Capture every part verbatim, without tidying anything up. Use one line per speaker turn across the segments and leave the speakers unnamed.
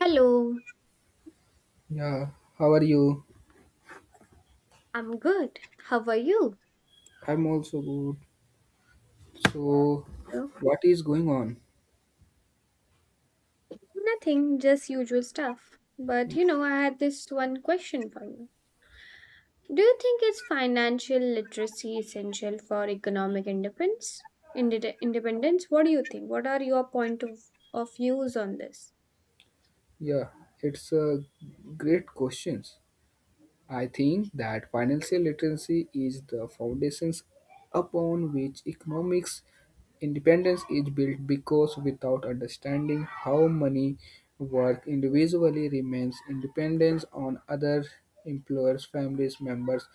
Hello,
Yeah, how are you?
I'm good. How are you?
I'm also good. So,
So,
what is going on?
nothing, just usual stuff. But you know, I had this one question for you. Do you think is financial literacy essential for economic independence? Inde- independence? What do you think? What are your point of, of views on this?
Yeah, it's a great question. I think that financial literacy is the foundations upon which economics independence is built because without understanding how money works individually remains independence on other employers, families, members,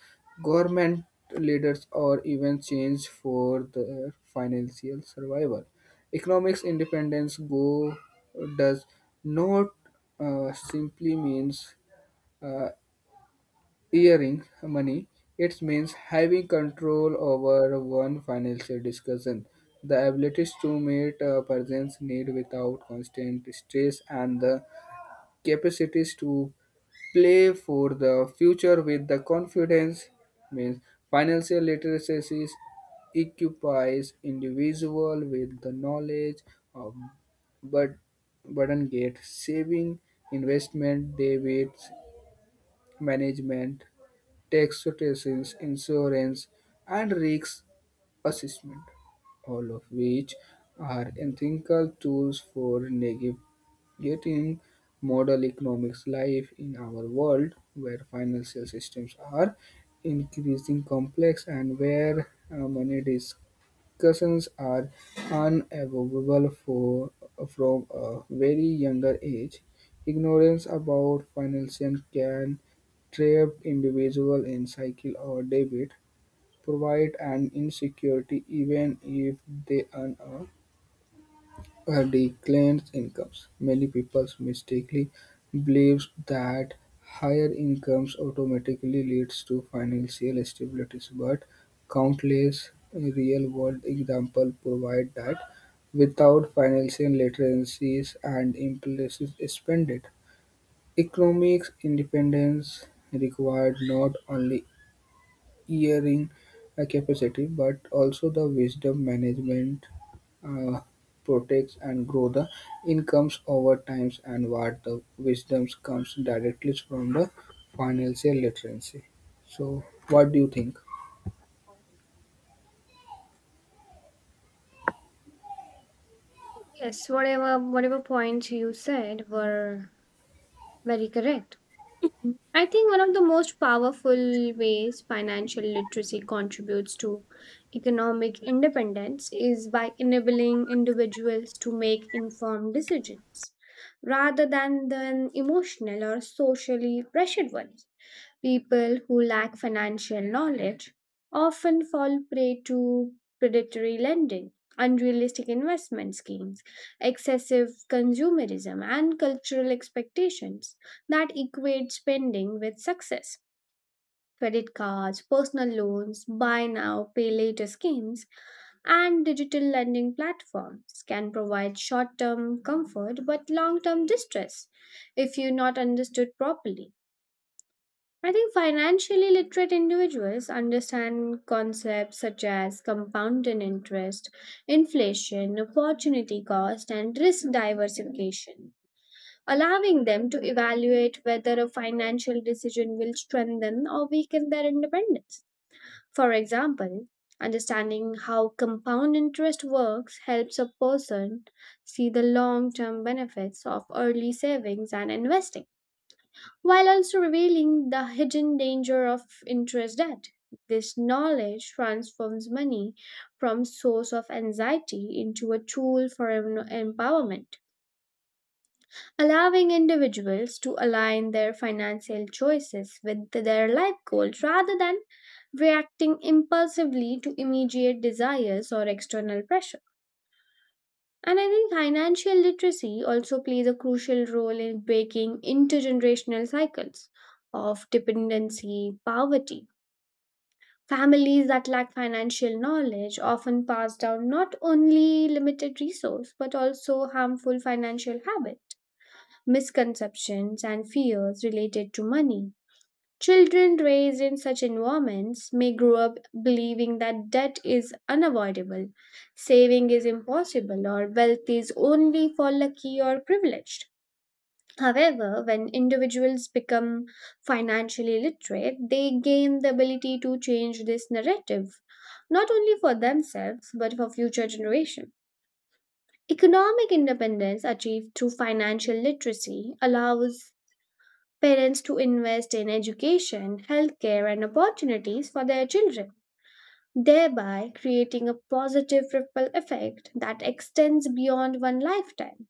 government leaders or even change for their financial survival. Economics independence go does not uh, simply means uh, earning money. It means having control over one financial discussion, the abilities to meet a person's need without constant stress, and the capacities to play for the future with the confidence. Means financial literacy equips individual with the knowledge of but burden gate saving, investment, debit management taxation, insurance, and risk assessment, all of which are ethical tools for navigating modern economics life in our world where financial systems are increasingly complex and where uh, money is discussions are unavoidable for, from a very younger age. Ignorance about financing can trap individuals in cycle or debit, provide an insecurity even if they earn a a decline incomes. Many people mistakenly believe that higher incomes automatically leads to financial stability, but countless real-world examples provide that without financial literacy and impulsive spending, economic independence required not only engineering uh, capacity, but also the wisdom management uh, protects and grow the incomes over times and what the wisdoms comes directly from the financial literacy. So what do you think?
Yes, whatever whatever points you said were very correct. Mm. I think one of the most powerful ways financial literacy contributes to economic independence is by enabling individuals to make informed decisions rather than, than emotional or socially pressured ones. People who lack financial knowledge often fall prey to predatory lending, unrealistic investment schemes, excessive consumerism, and cultural expectations that equate spending with success. Credit cards, personal loans, buy now, pay later schemes, and digital lending platforms can provide short term comfort but long term distress if you're not understood properly. I think financially literate individuals understand concepts such as compounding interest, inflation, opportunity cost, and risk diversification, allowing them to evaluate whether a financial decision will strengthen or weaken their independence. For example, understanding how compound interest works helps a person see the long term benefits of early savings and investing while also revealing the hidden danger of interest debt. This knowledge transforms money from source of anxiety into a tool for em- empowerment, allowing individuals to align their financial choices with their life goals rather than reacting impulsively to immediate desires or external pressure. And I think financial literacy also plays a crucial role in breaking intergenerational cycles of dependency, poverty. Families that lack financial knowledge often pass down not only limited resource but also harmful financial habits, misconceptions, and fears related to money. Children raised in such environments may grow up believing that debt is unavoidable, saving is impossible, or wealth is only for lucky or privileged. However, when individuals become financially literate, they gain the ability to change this narrative, not only for themselves but for future generations. Economic independence achieved through financial literacy allows parents to invest in education, healthcare, and opportunities for their children, thereby creating a positive ripple effect that extends beyond one lifetime.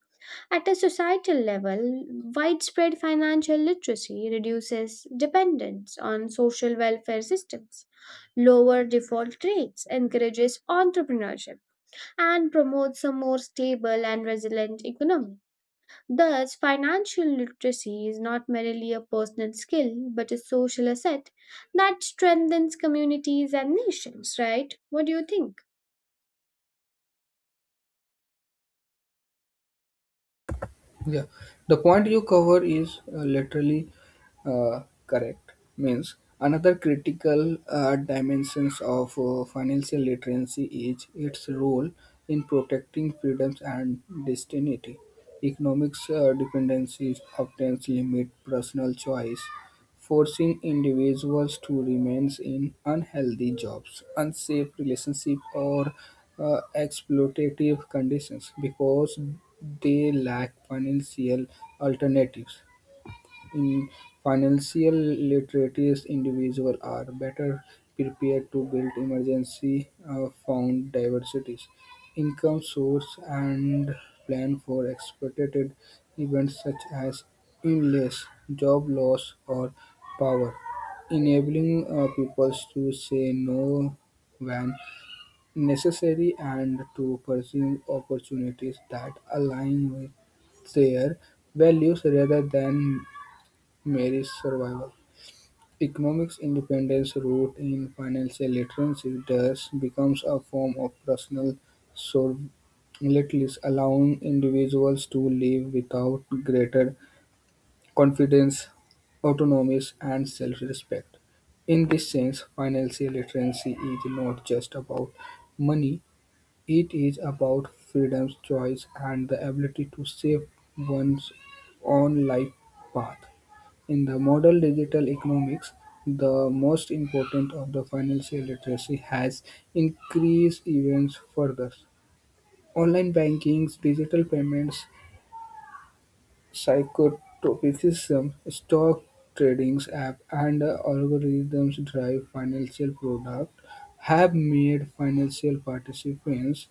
At a societal level, widespread financial literacy reduces dependence on social welfare systems, lower default rates, encourages entrepreneurship, and promotes a more stable and resilient economy. Thus, financial literacy is not merely a personal skill but a social asset that strengthens communities and nations, right? What do you think?
Yeah, the point you cover is uh, literally uh, correct. Means another critical uh, dimensions of uh, financial literacy is its role in protecting freedoms and destiny. Economics uh, dependencies often limit personal choice forcing individuals to remain in unhealthy jobs, unsafe relationships, or uh, exploitative conditions because they lack financial alternatives in financial literacy individuals are better prepared to build emergency uh, fund diversities, income source and plan for expected events such as illness, job loss or power, enabling uh, people to say no when necessary and to pursue opportunities that align with their values rather than Mary's survival. Economic independence, rooted in financial literacy, thus becomes a form of personal solvency, allowing individuals to live without greater confidence, autonomy, and self-respect. In this sense, financial literacy is not just about money, it is about freedom, choice, and the ability to shape one's own life path. In the modern digital economics, the most important of the financial literacy has increased even further. Online banking, digital payments, psychotropism, stock trading app, and algorithms drive financial product have made financial participants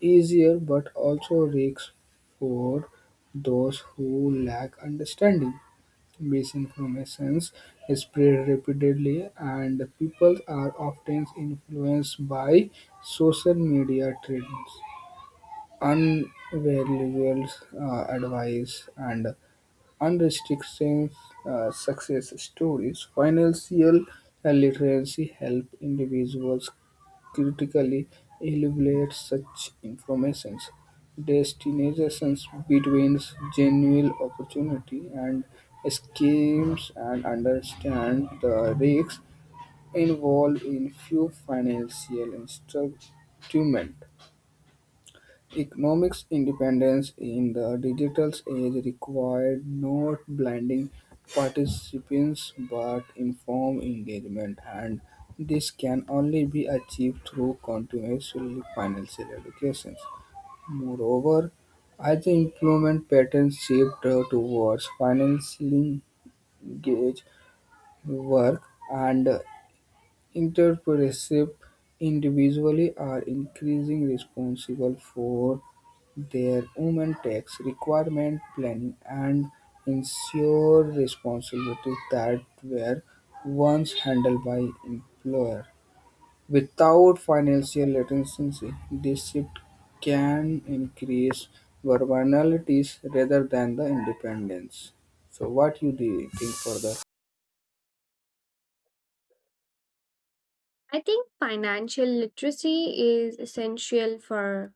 easier but also risks for those who lack understanding. Misinformation is spread rapidly, and people are often influenced by social media trends, unvaluable uh, advice, and unrestricted uh, success stories, financial literacy help individuals critically evaluate such information, destinations between genuine opportunity and schemes, and understand the risks involved in few financial instruments. Economic independence in the digital age required not blinding participants but informed engagement, and this can only be achieved through continuous financial education. Moreover, as the employment patterns shift uh, towards financially engaged work and entrepreneurship individually are increasingly responsible for their own tax requirement planning and ensure responsibilities that were once handled by employer. Without financial literacy, this shift can increase vulnerabilities rather than the independence. So what you do you think further?
I think financial literacy is essential for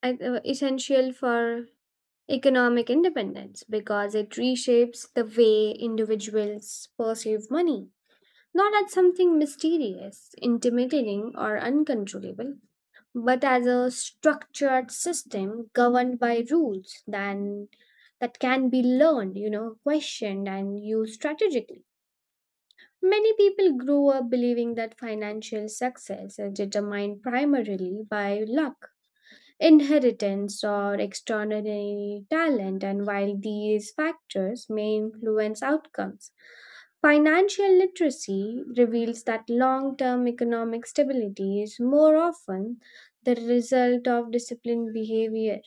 I- uh, essential for economic independence because it reshapes the way individuals perceive money, not as something mysterious, intimidating, or uncontrollable, but as a structured system governed by rules then that can be learned, you know questioned, and used strategically. Many people grow up believing that financial success is determined primarily by luck, inheritance, or extraordinary talent, and while these factors may influence outcomes, financial literacy reveals that long term economic stability is more often the result of disciplined behavior,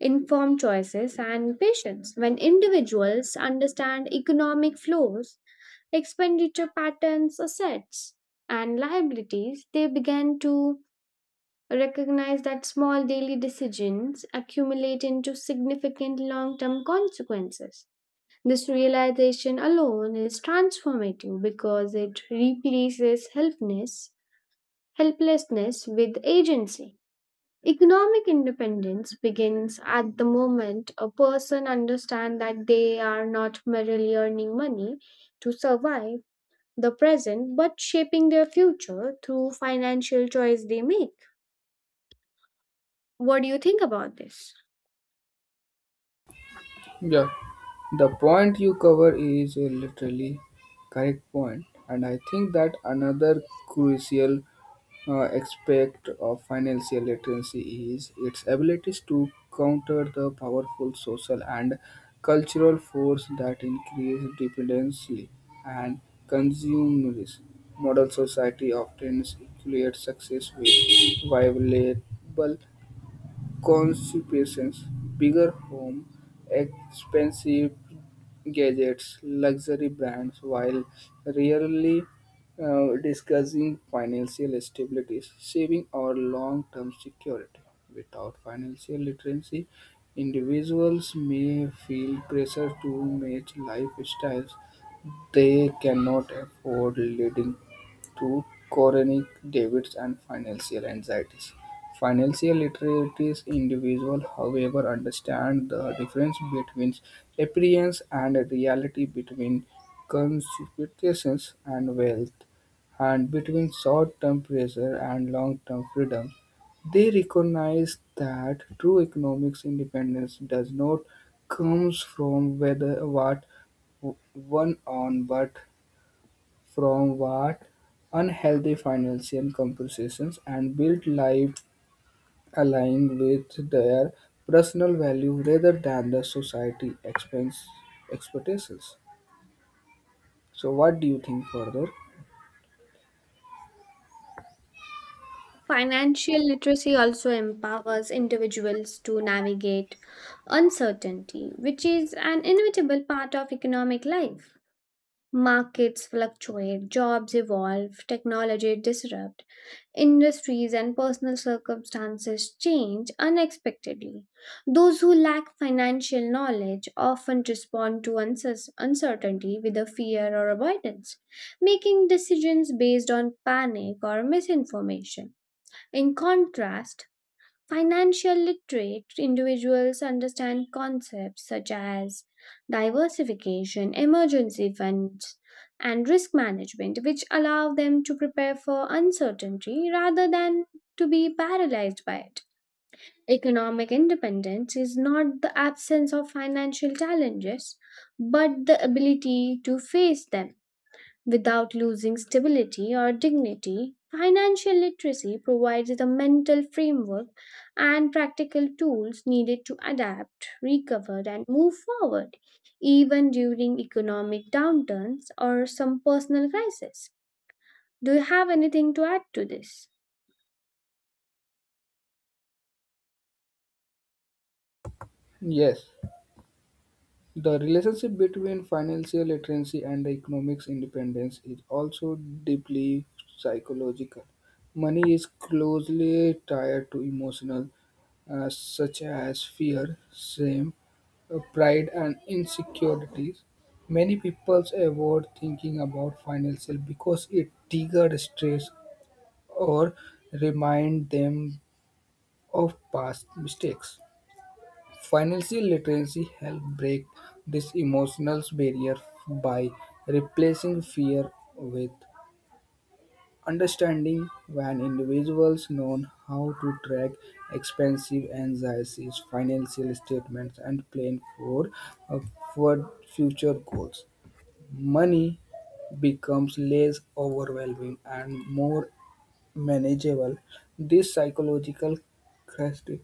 informed choices, and patience. When individuals understand economic flows, expenditure patterns, assets, and liabilities, they begin to recognize that small daily decisions accumulate into significant long term consequences. This realization alone is transformative because it replaces helplessness, helplessness with agency. Economic independence begins at the moment a person understands that they are not merely earning money to survive the present but shaping their future through financial choice they make. What do you think about this?
Yeah, the point you cover is a literally correct point, and I think that another crucial uh, aspect of financial literacy is its abilities to counter the powerful social and cultural force that increase dependency and consumerism. Modern society often equates success with viable consequences: bigger homes, expensive gadgets, luxury brands, while rarely uh, discussing financial stability, saving, or long-term security. Without financial literacy, individuals may feel pressure to match lifestyles they cannot afford leading to chronic debts and financial anxieties. Financial literate individuals, however, understand the difference between appearance and reality, between conspicuousness and wealth, and between short-term pressure and long-term freedom. They recognize that true economic independence does not comes from whether what one on but from what unhealthy financial comparisons and built life aligned with their personal value rather than the society expense expectations. So what do you think further?
Financial literacy also empowers individuals to navigate uncertainty, which is an inevitable part of economic life. Markets fluctuate, jobs evolve, technology disrupt, industries and personal circumstances change unexpectedly. Those who lack financial knowledge often respond to uncer- uncertainty with a fear or avoidance, making decisions based on panic or misinformation. In contrast, financial literate individuals understand concepts such as diversification, emergency funds, and risk management, which allow them to prepare for uncertainty rather than to be paralyzed by it. Economic independence is not the absence of financial challenges, but the ability to face them. Without losing stability or dignity, financial literacy provides the mental framework and practical tools needed to adapt, recover, and move forward, even during economic downturns or some personal crisis. Do you have anything to add to this?
Yes, the relationship between financial literacy and economic independence is also deeply psychological. Money is closely tied to emotional uh, such as fear, shame, uh, pride, and insecurities. Many people avoid thinking about financial because it triggers stress or remind them of past mistakes. Financial literacy helps break this emotional barrier by replacing fear with understanding when individuals know how to track expensive anxieties, financial statements, and plan for, uh, for future goals, money becomes less overwhelming and more manageable. This psychological crisis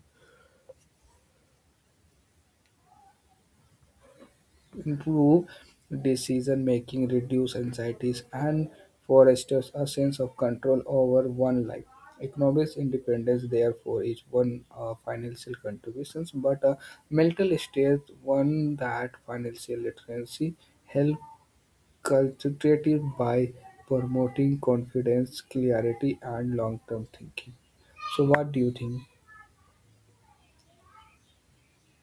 improve decision making, reduce anxieties, and fosters a sense of control over one life. Economic independence, therefore, is one uh, financial contributions, but a mental state one that financial literacy help cultivate it by promoting confidence, clarity, and long-term thinking. So, what do you think?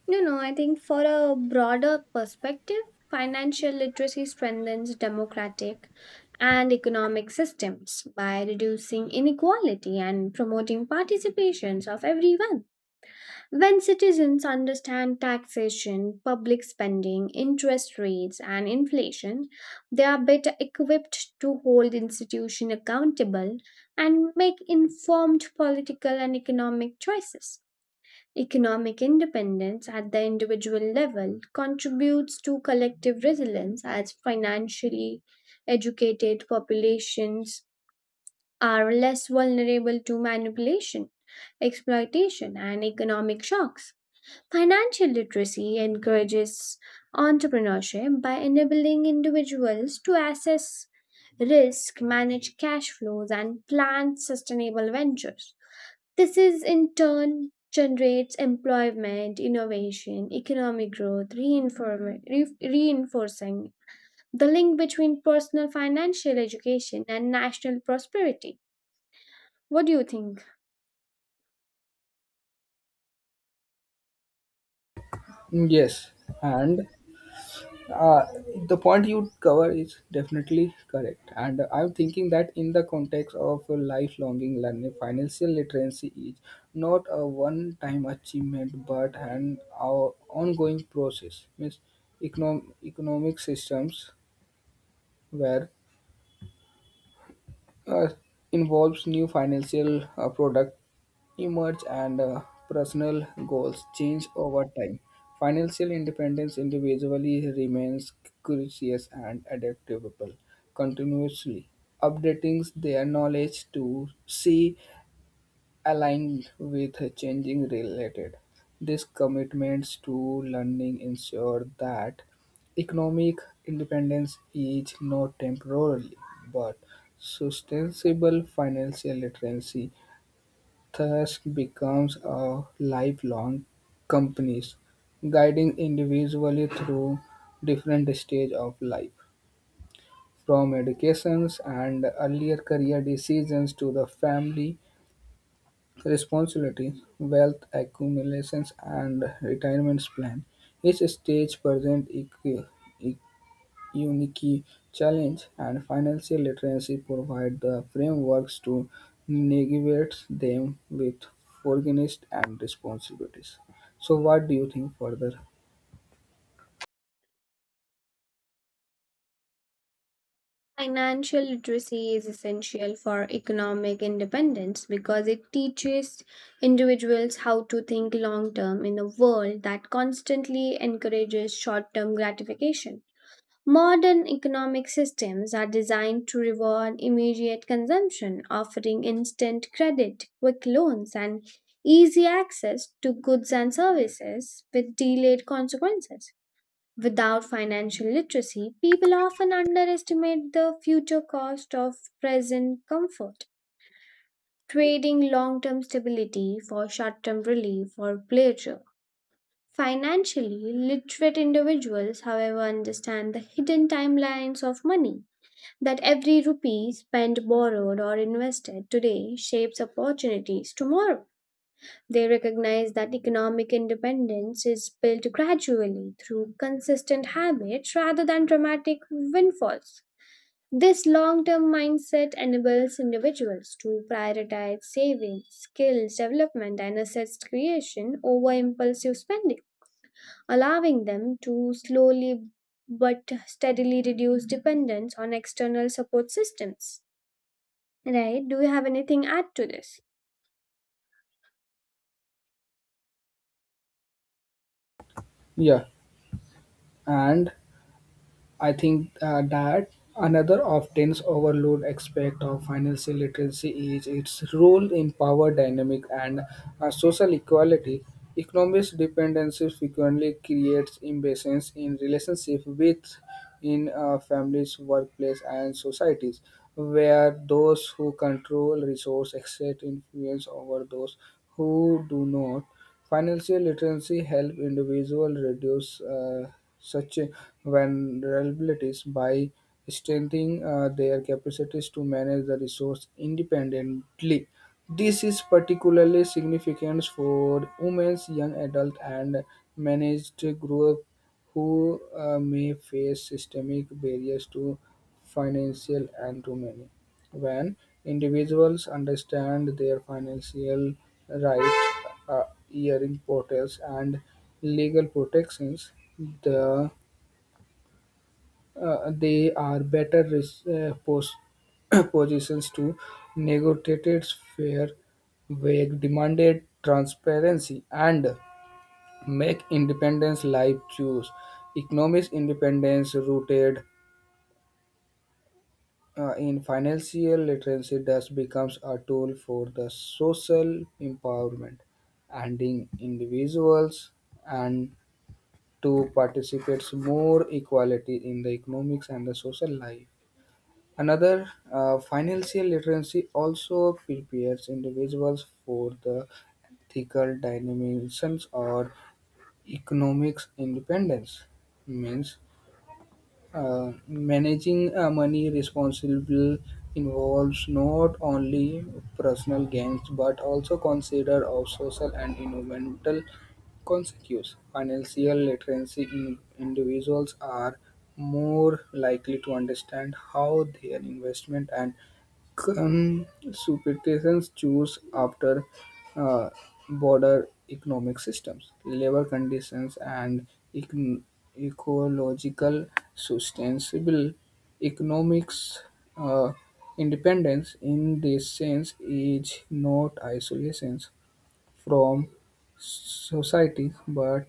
No, no, I think for a broader perspective, financial literacy strengthens democratic and economic systems by reducing inequality and promoting participations of everyone. When citizens understand taxation, public spending, interest rates, and inflation, they are better equipped to hold institutions accountable and make informed political and economic choices. Economic independence at the individual level contributes to collective resilience as financially educated populations are less vulnerable to manipulation, exploitation, and economic shocks. Financial literacy encourages entrepreneurship by enabling individuals to assess risk, manage cash flows, and plan sustainable ventures. This is in turn generates employment, innovation, economic growth, reinform- re- reinforcing the link between personal financial education and national prosperity. What do you think?
Yes, and uh, the point you cover is definitely correct and I'm thinking that in the context of lifelong learning financial literacy is not a one time achievement but an o- ongoing process means econom- economic systems where uh, involves new financial uh, product emerge and uh, personal goals change over time. Financial independence individually remains curious and adaptable, continuously updating their knowledge to see aligned with changing related. These commitments to learning ensure that economic independence is not temporarily but sustainable financial literacy thus becomes a lifelong companies, guiding individually through different stage of life, from educations and earlier career decisions to the family responsibilities, wealth accumulations, and retirement plan. Each stage presents unique challenge and financial literacy provide the frameworks to navigate them with foreignness and responsibilities. So, what do you think further?
Financial literacy is essential for economic independence because it teaches individuals how to think long term in a world that constantly encourages short term gratification. Modern economic systems are designed to reward immediate consumption, offering instant credit, quick loans, and easy access to goods and services with delayed consequences. Without financial literacy, people often underestimate the future cost of present comfort, trading long term stability for short term relief or pleasure. Financially literate individuals, however, understand the hidden timelines of money that every rupee spent, borrowed, or invested today shapes opportunities tomorrow. They recognize that economic independence is built gradually through consistent habits rather than dramatic windfalls. This long term mindset enables individuals to prioritize savings, skills development, and assets creation over impulsive spending, allowing them to slowly but steadily reduce dependence on external support systems. Right? Do you have anything add to this?
Yeah, and I think uh, that another often overlooked aspect of financial literacy is its role in power dynamic and uh, social equality. Economic dependency frequently creates imbalance in relationship with in uh, families, workplace, and societies, where those who control resource exert influence over those who do not. Financial literacy helps individuals reduce uh, such vulnerabilities by strengthening uh, their capacities to manage the resource independently. This is particularly significant for women, young adults, and managed groups who uh, may face systemic barriers to financial and to many. When individuals understand their financial rights, uh, hearing portals, and legal protections, the, uh, they are better res- uh, pos- positions to negotiate fair wage, demanded transparency, and make independence life choose. Economic independence rooted Uh, in financial literacy, thus becomes a tool for the social empowerment, and in individuals and to participate more equality in the economics and the social life. Another uh, financial literacy also prepares individuals for the ethical dimensions or economics independence means uh, managing uh, money responsibly involves not only personal gains but also consider of social and environmental consequences. Financial literacy in individuals are more likely to understand how their investment and consumptions choose after uh, border economic systems, labor conditions, and econ- ecological sustainable economics. Uh, Independence, in this sense, is not isolation from society but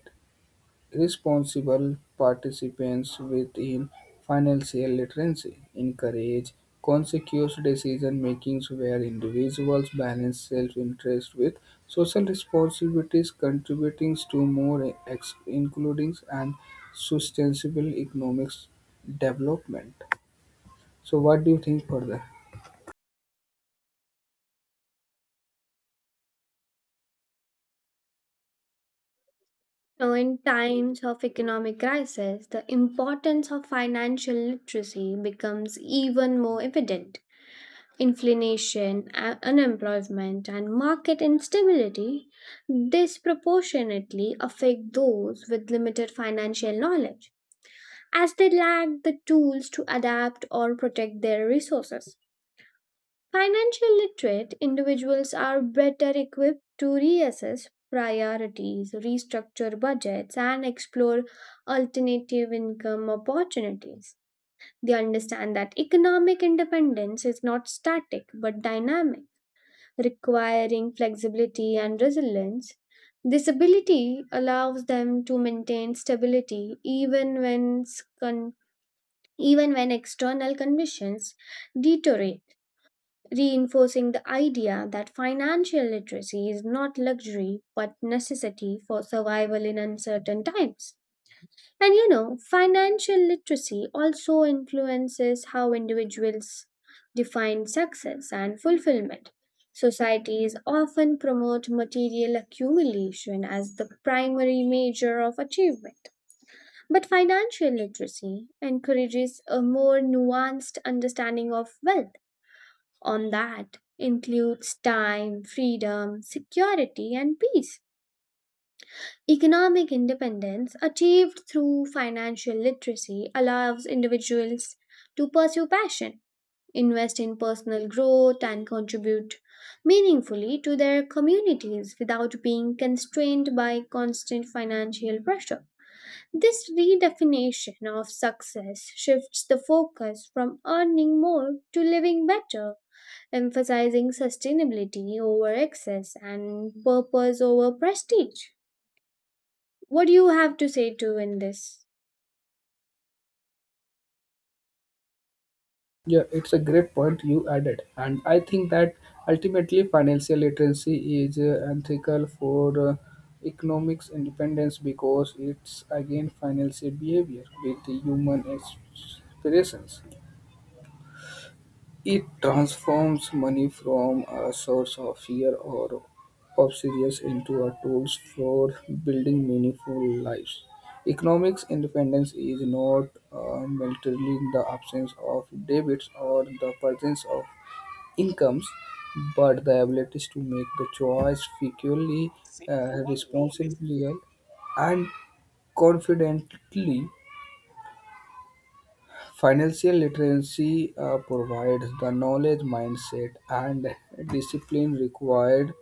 responsible participants within financial literacy encourage conscious decision-making where individuals balance self-interest with social responsibilities, contributing to more ex- inclusive and sustainable economic development. So, what do you think further?
Now, in times of economic crisis, the importance of financial literacy becomes even more evident. Inflation, a- unemployment, and market instability disproportionately affect those with limited financial knowledge, as they lack the tools to adapt or protect their resources. Financial literate individuals are better equipped to reassess priorities, restructure budgets, and explore alternative income opportunities. They understand that economic independence is not static but dynamic, requiring flexibility and resilience. This ability allows them to maintain stability even when, s- con- even when external conditions deteriorate, reinforcing the idea that financial literacy is not luxury but necessity for survival in uncertain times. And you know, financial literacy also influences how individuals define success and fulfillment. Societies often promote material accumulation as the primary measure of achievement. But financial literacy encourages a more nuanced understanding of wealth on that includes time, freedom, security, and peace. Economic independence achieved through financial literacy allows individuals to pursue passion, invest in personal growth, and contribute meaningfully to their communities without being constrained by constant financial pressure. This redefinition of success shifts the focus from earning more to living better, emphasizing sustainability over excess and purpose over prestige. What do you have to say to in this?
Yeah, it's a great point you added, and I think that ultimately financial literacy is uh, ethical for uh, economics independence because it's again financial behavior with the human aspirations. It transforms money from a source of fear or obsessions into a tool for building meaningful lives. Economics independence is not uh, militarily the absence of debits or the presence of incomes, but the abilities to make the choice frequently, uh, responsibly, and confidently. Financial literacy uh, provides the knowledge, mindset, and discipline required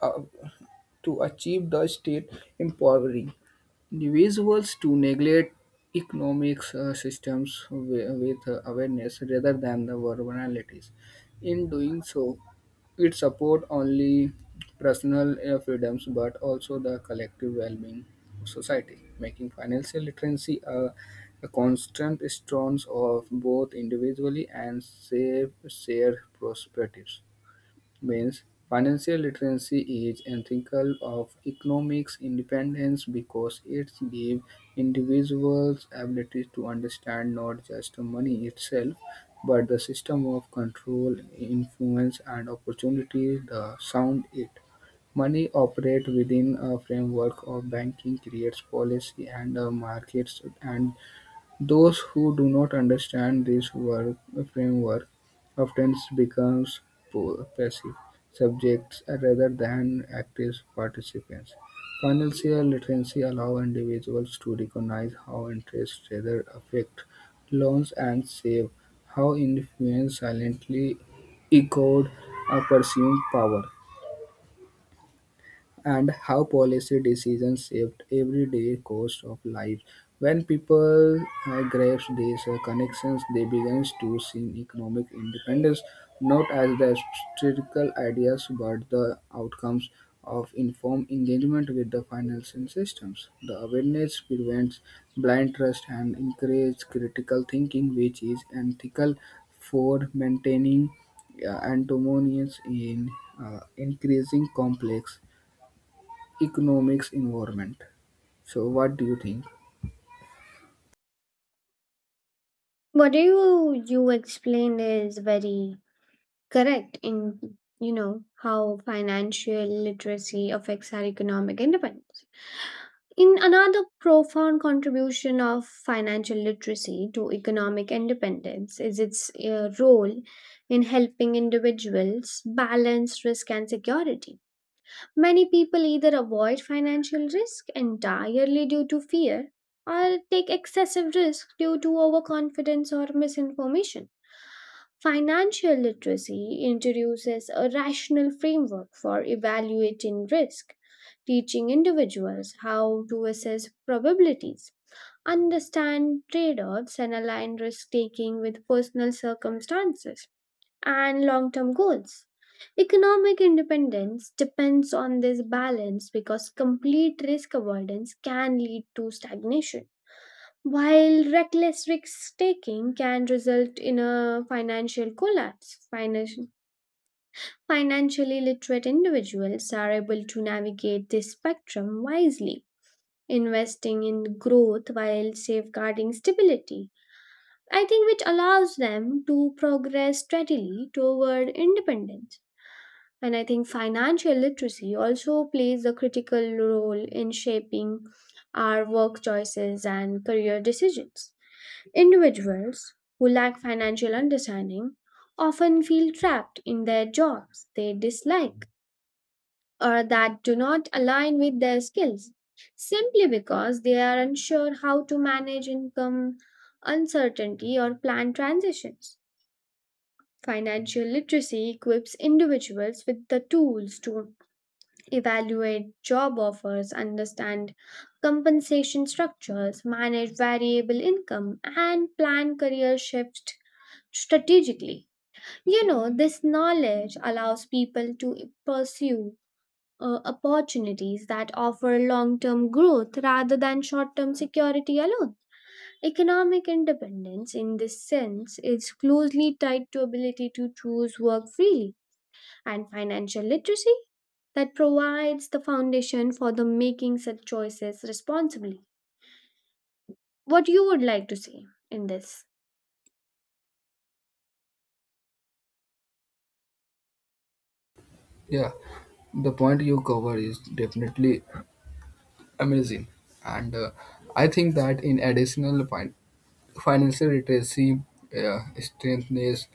uh, to achieve the state empowering individuals to neglect economic uh, systems wi- with uh, awareness rather than the vulnerabilities. In doing so, it support only personal uh, freedoms but also the collective well-being of society, making financial literacy a, a constant strength of both individually and safe, shared perspectives means financial literacy is ethical of economic independence because it gives individuals ability to understand not just money itself but the system of control influence and opportunity that sound it. Money operates within a framework of banking, creates policy and uh, markets, and those who do not understand this work framework often become po- passive subjects rather than active participants. Financial literacy allows individuals to recognize how interest rather affect loans and save, how influence silently echoed a perceived power and how policy decisions shaped everyday course of life. When people uh, grasp these uh, connections, they begin to see economic independence not as the theoretical ideas but the outcomes of informed engagement with the financial systems. The awareness prevents blind trust and encourages critical thinking, which is ethical for maintaining uh, antimonies in uh, increasing complex economics environment. So, what do you think?
What you you explained is very correct in you know how financial literacy affects our economic independence. In another profound contribution of financial literacy to economic independence is its uh, role in helping individuals balance risk and security. Many people either avoid financial risk entirely due to fear or take excessive risk due to overconfidence or misinformation. Financial literacy introduces a rational framework for evaluating risk, teaching individuals how to assess probabilities, understand trade offs, and align risk taking with personal circumstances and long term goals. Economic independence depends on this balance because complete risk avoidance can lead to stagnation, while reckless risk taking can result in a financial collapse. Financial, financially literate individuals are able to navigate this spectrum wisely, investing in growth while safeguarding stability. I think which allows them to progress steadily toward independence. And I think financial literacy also plays a critical role in shaping our work choices and career decisions. Individuals who lack financial understanding often feel trapped in their jobs they dislike or that do not align with their skills simply because they are unsure how to manage income uncertainty or plan transitions. Financial literacy equips individuals with the tools to evaluate job offers, understand compensation structures, manage variable income, and plan career shifts strategically. You know, this knowledge allows people to pursue uh, opportunities that offer long term growth rather than short term security alone. Economic independence, in this sense, is closely tied to ability to choose work freely, and financial literacy that provides the foundation for the making such choices responsibly. What you would like to say in this?
Yeah, the point you cover is definitely amazing, and uh, I think that in additional fin- financial literacy uh, strengthens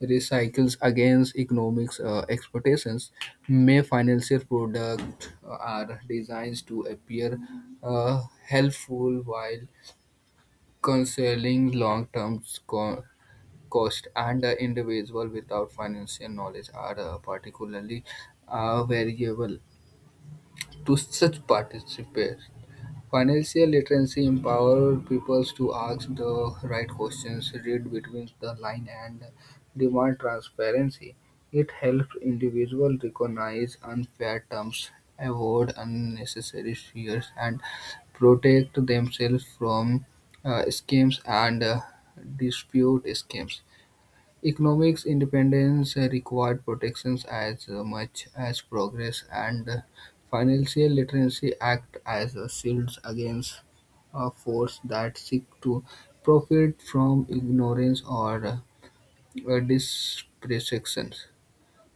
recycles against economics uh, expectations. May financial products are designed to appear uh, helpful while concealing long-term cost, and the individual without financial knowledge are uh, particularly uh, variable to such participants. Financial literacy empower people to ask the right questions, read between the line, and demand transparency. It helps individuals recognize unfair terms, avoid unnecessary fears, and protect themselves from uh, scams and uh, dispute scams. Economic independence uh, required protections as uh, much as progress, and uh, financial literacy act as a shield against a force that seek to profit from ignorance or uh, dispersion.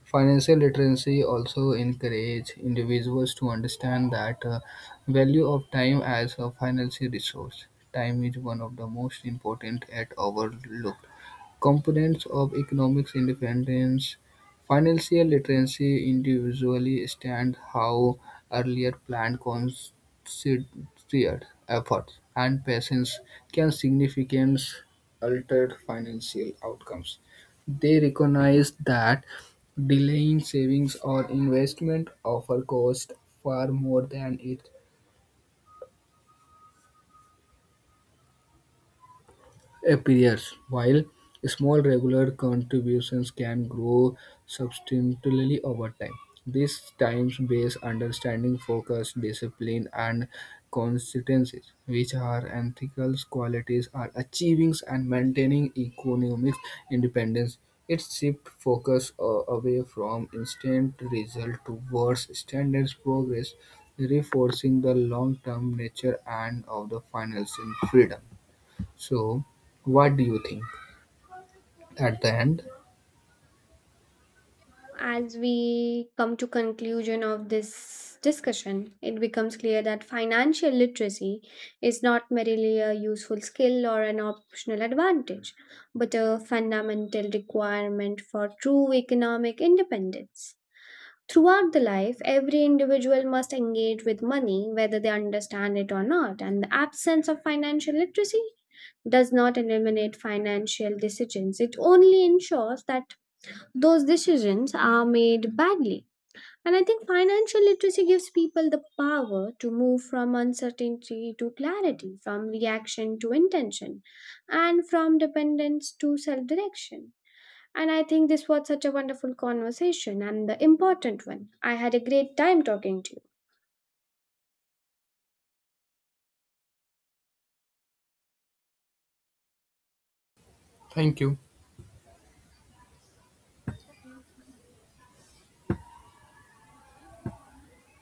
Financial literacy also encourages individuals to understand that uh, value of time as a financial resource. Time is one of the most important at overlooked components of economic independence. Financial literacy individually stand how earlier planned, considered efforts and patience can significantly alter financial outcomes. They recognize that delaying savings or investment offer cost far more than it appears, while small regular contributions can grow substantially over time. This time-based understanding focus, discipline, and consistency, which are ethical qualities, are achieving and maintaining economic independence. It shifts focus uh, away from instant result towards standards progress, reinforcing the long-term nature and of the financial freedom. So, what do you think, at the end?
As we come to conclusion of this discussion, it becomes clear that financial literacy is not merely a useful skill or an optional advantage but a fundamental requirement for true economic independence. Throughout the life, every individual must engage with money whether they understand it or not, and the absence of financial literacy does not eliminate financial decisions. It only ensures that those decisions are made badly. And I think financial literacy gives people the power to move from uncertainty to clarity, from reaction to intention, and from dependence to self direction. And I think this was such a wonderful conversation and the important one. I had a great time talking to you.
Thank you.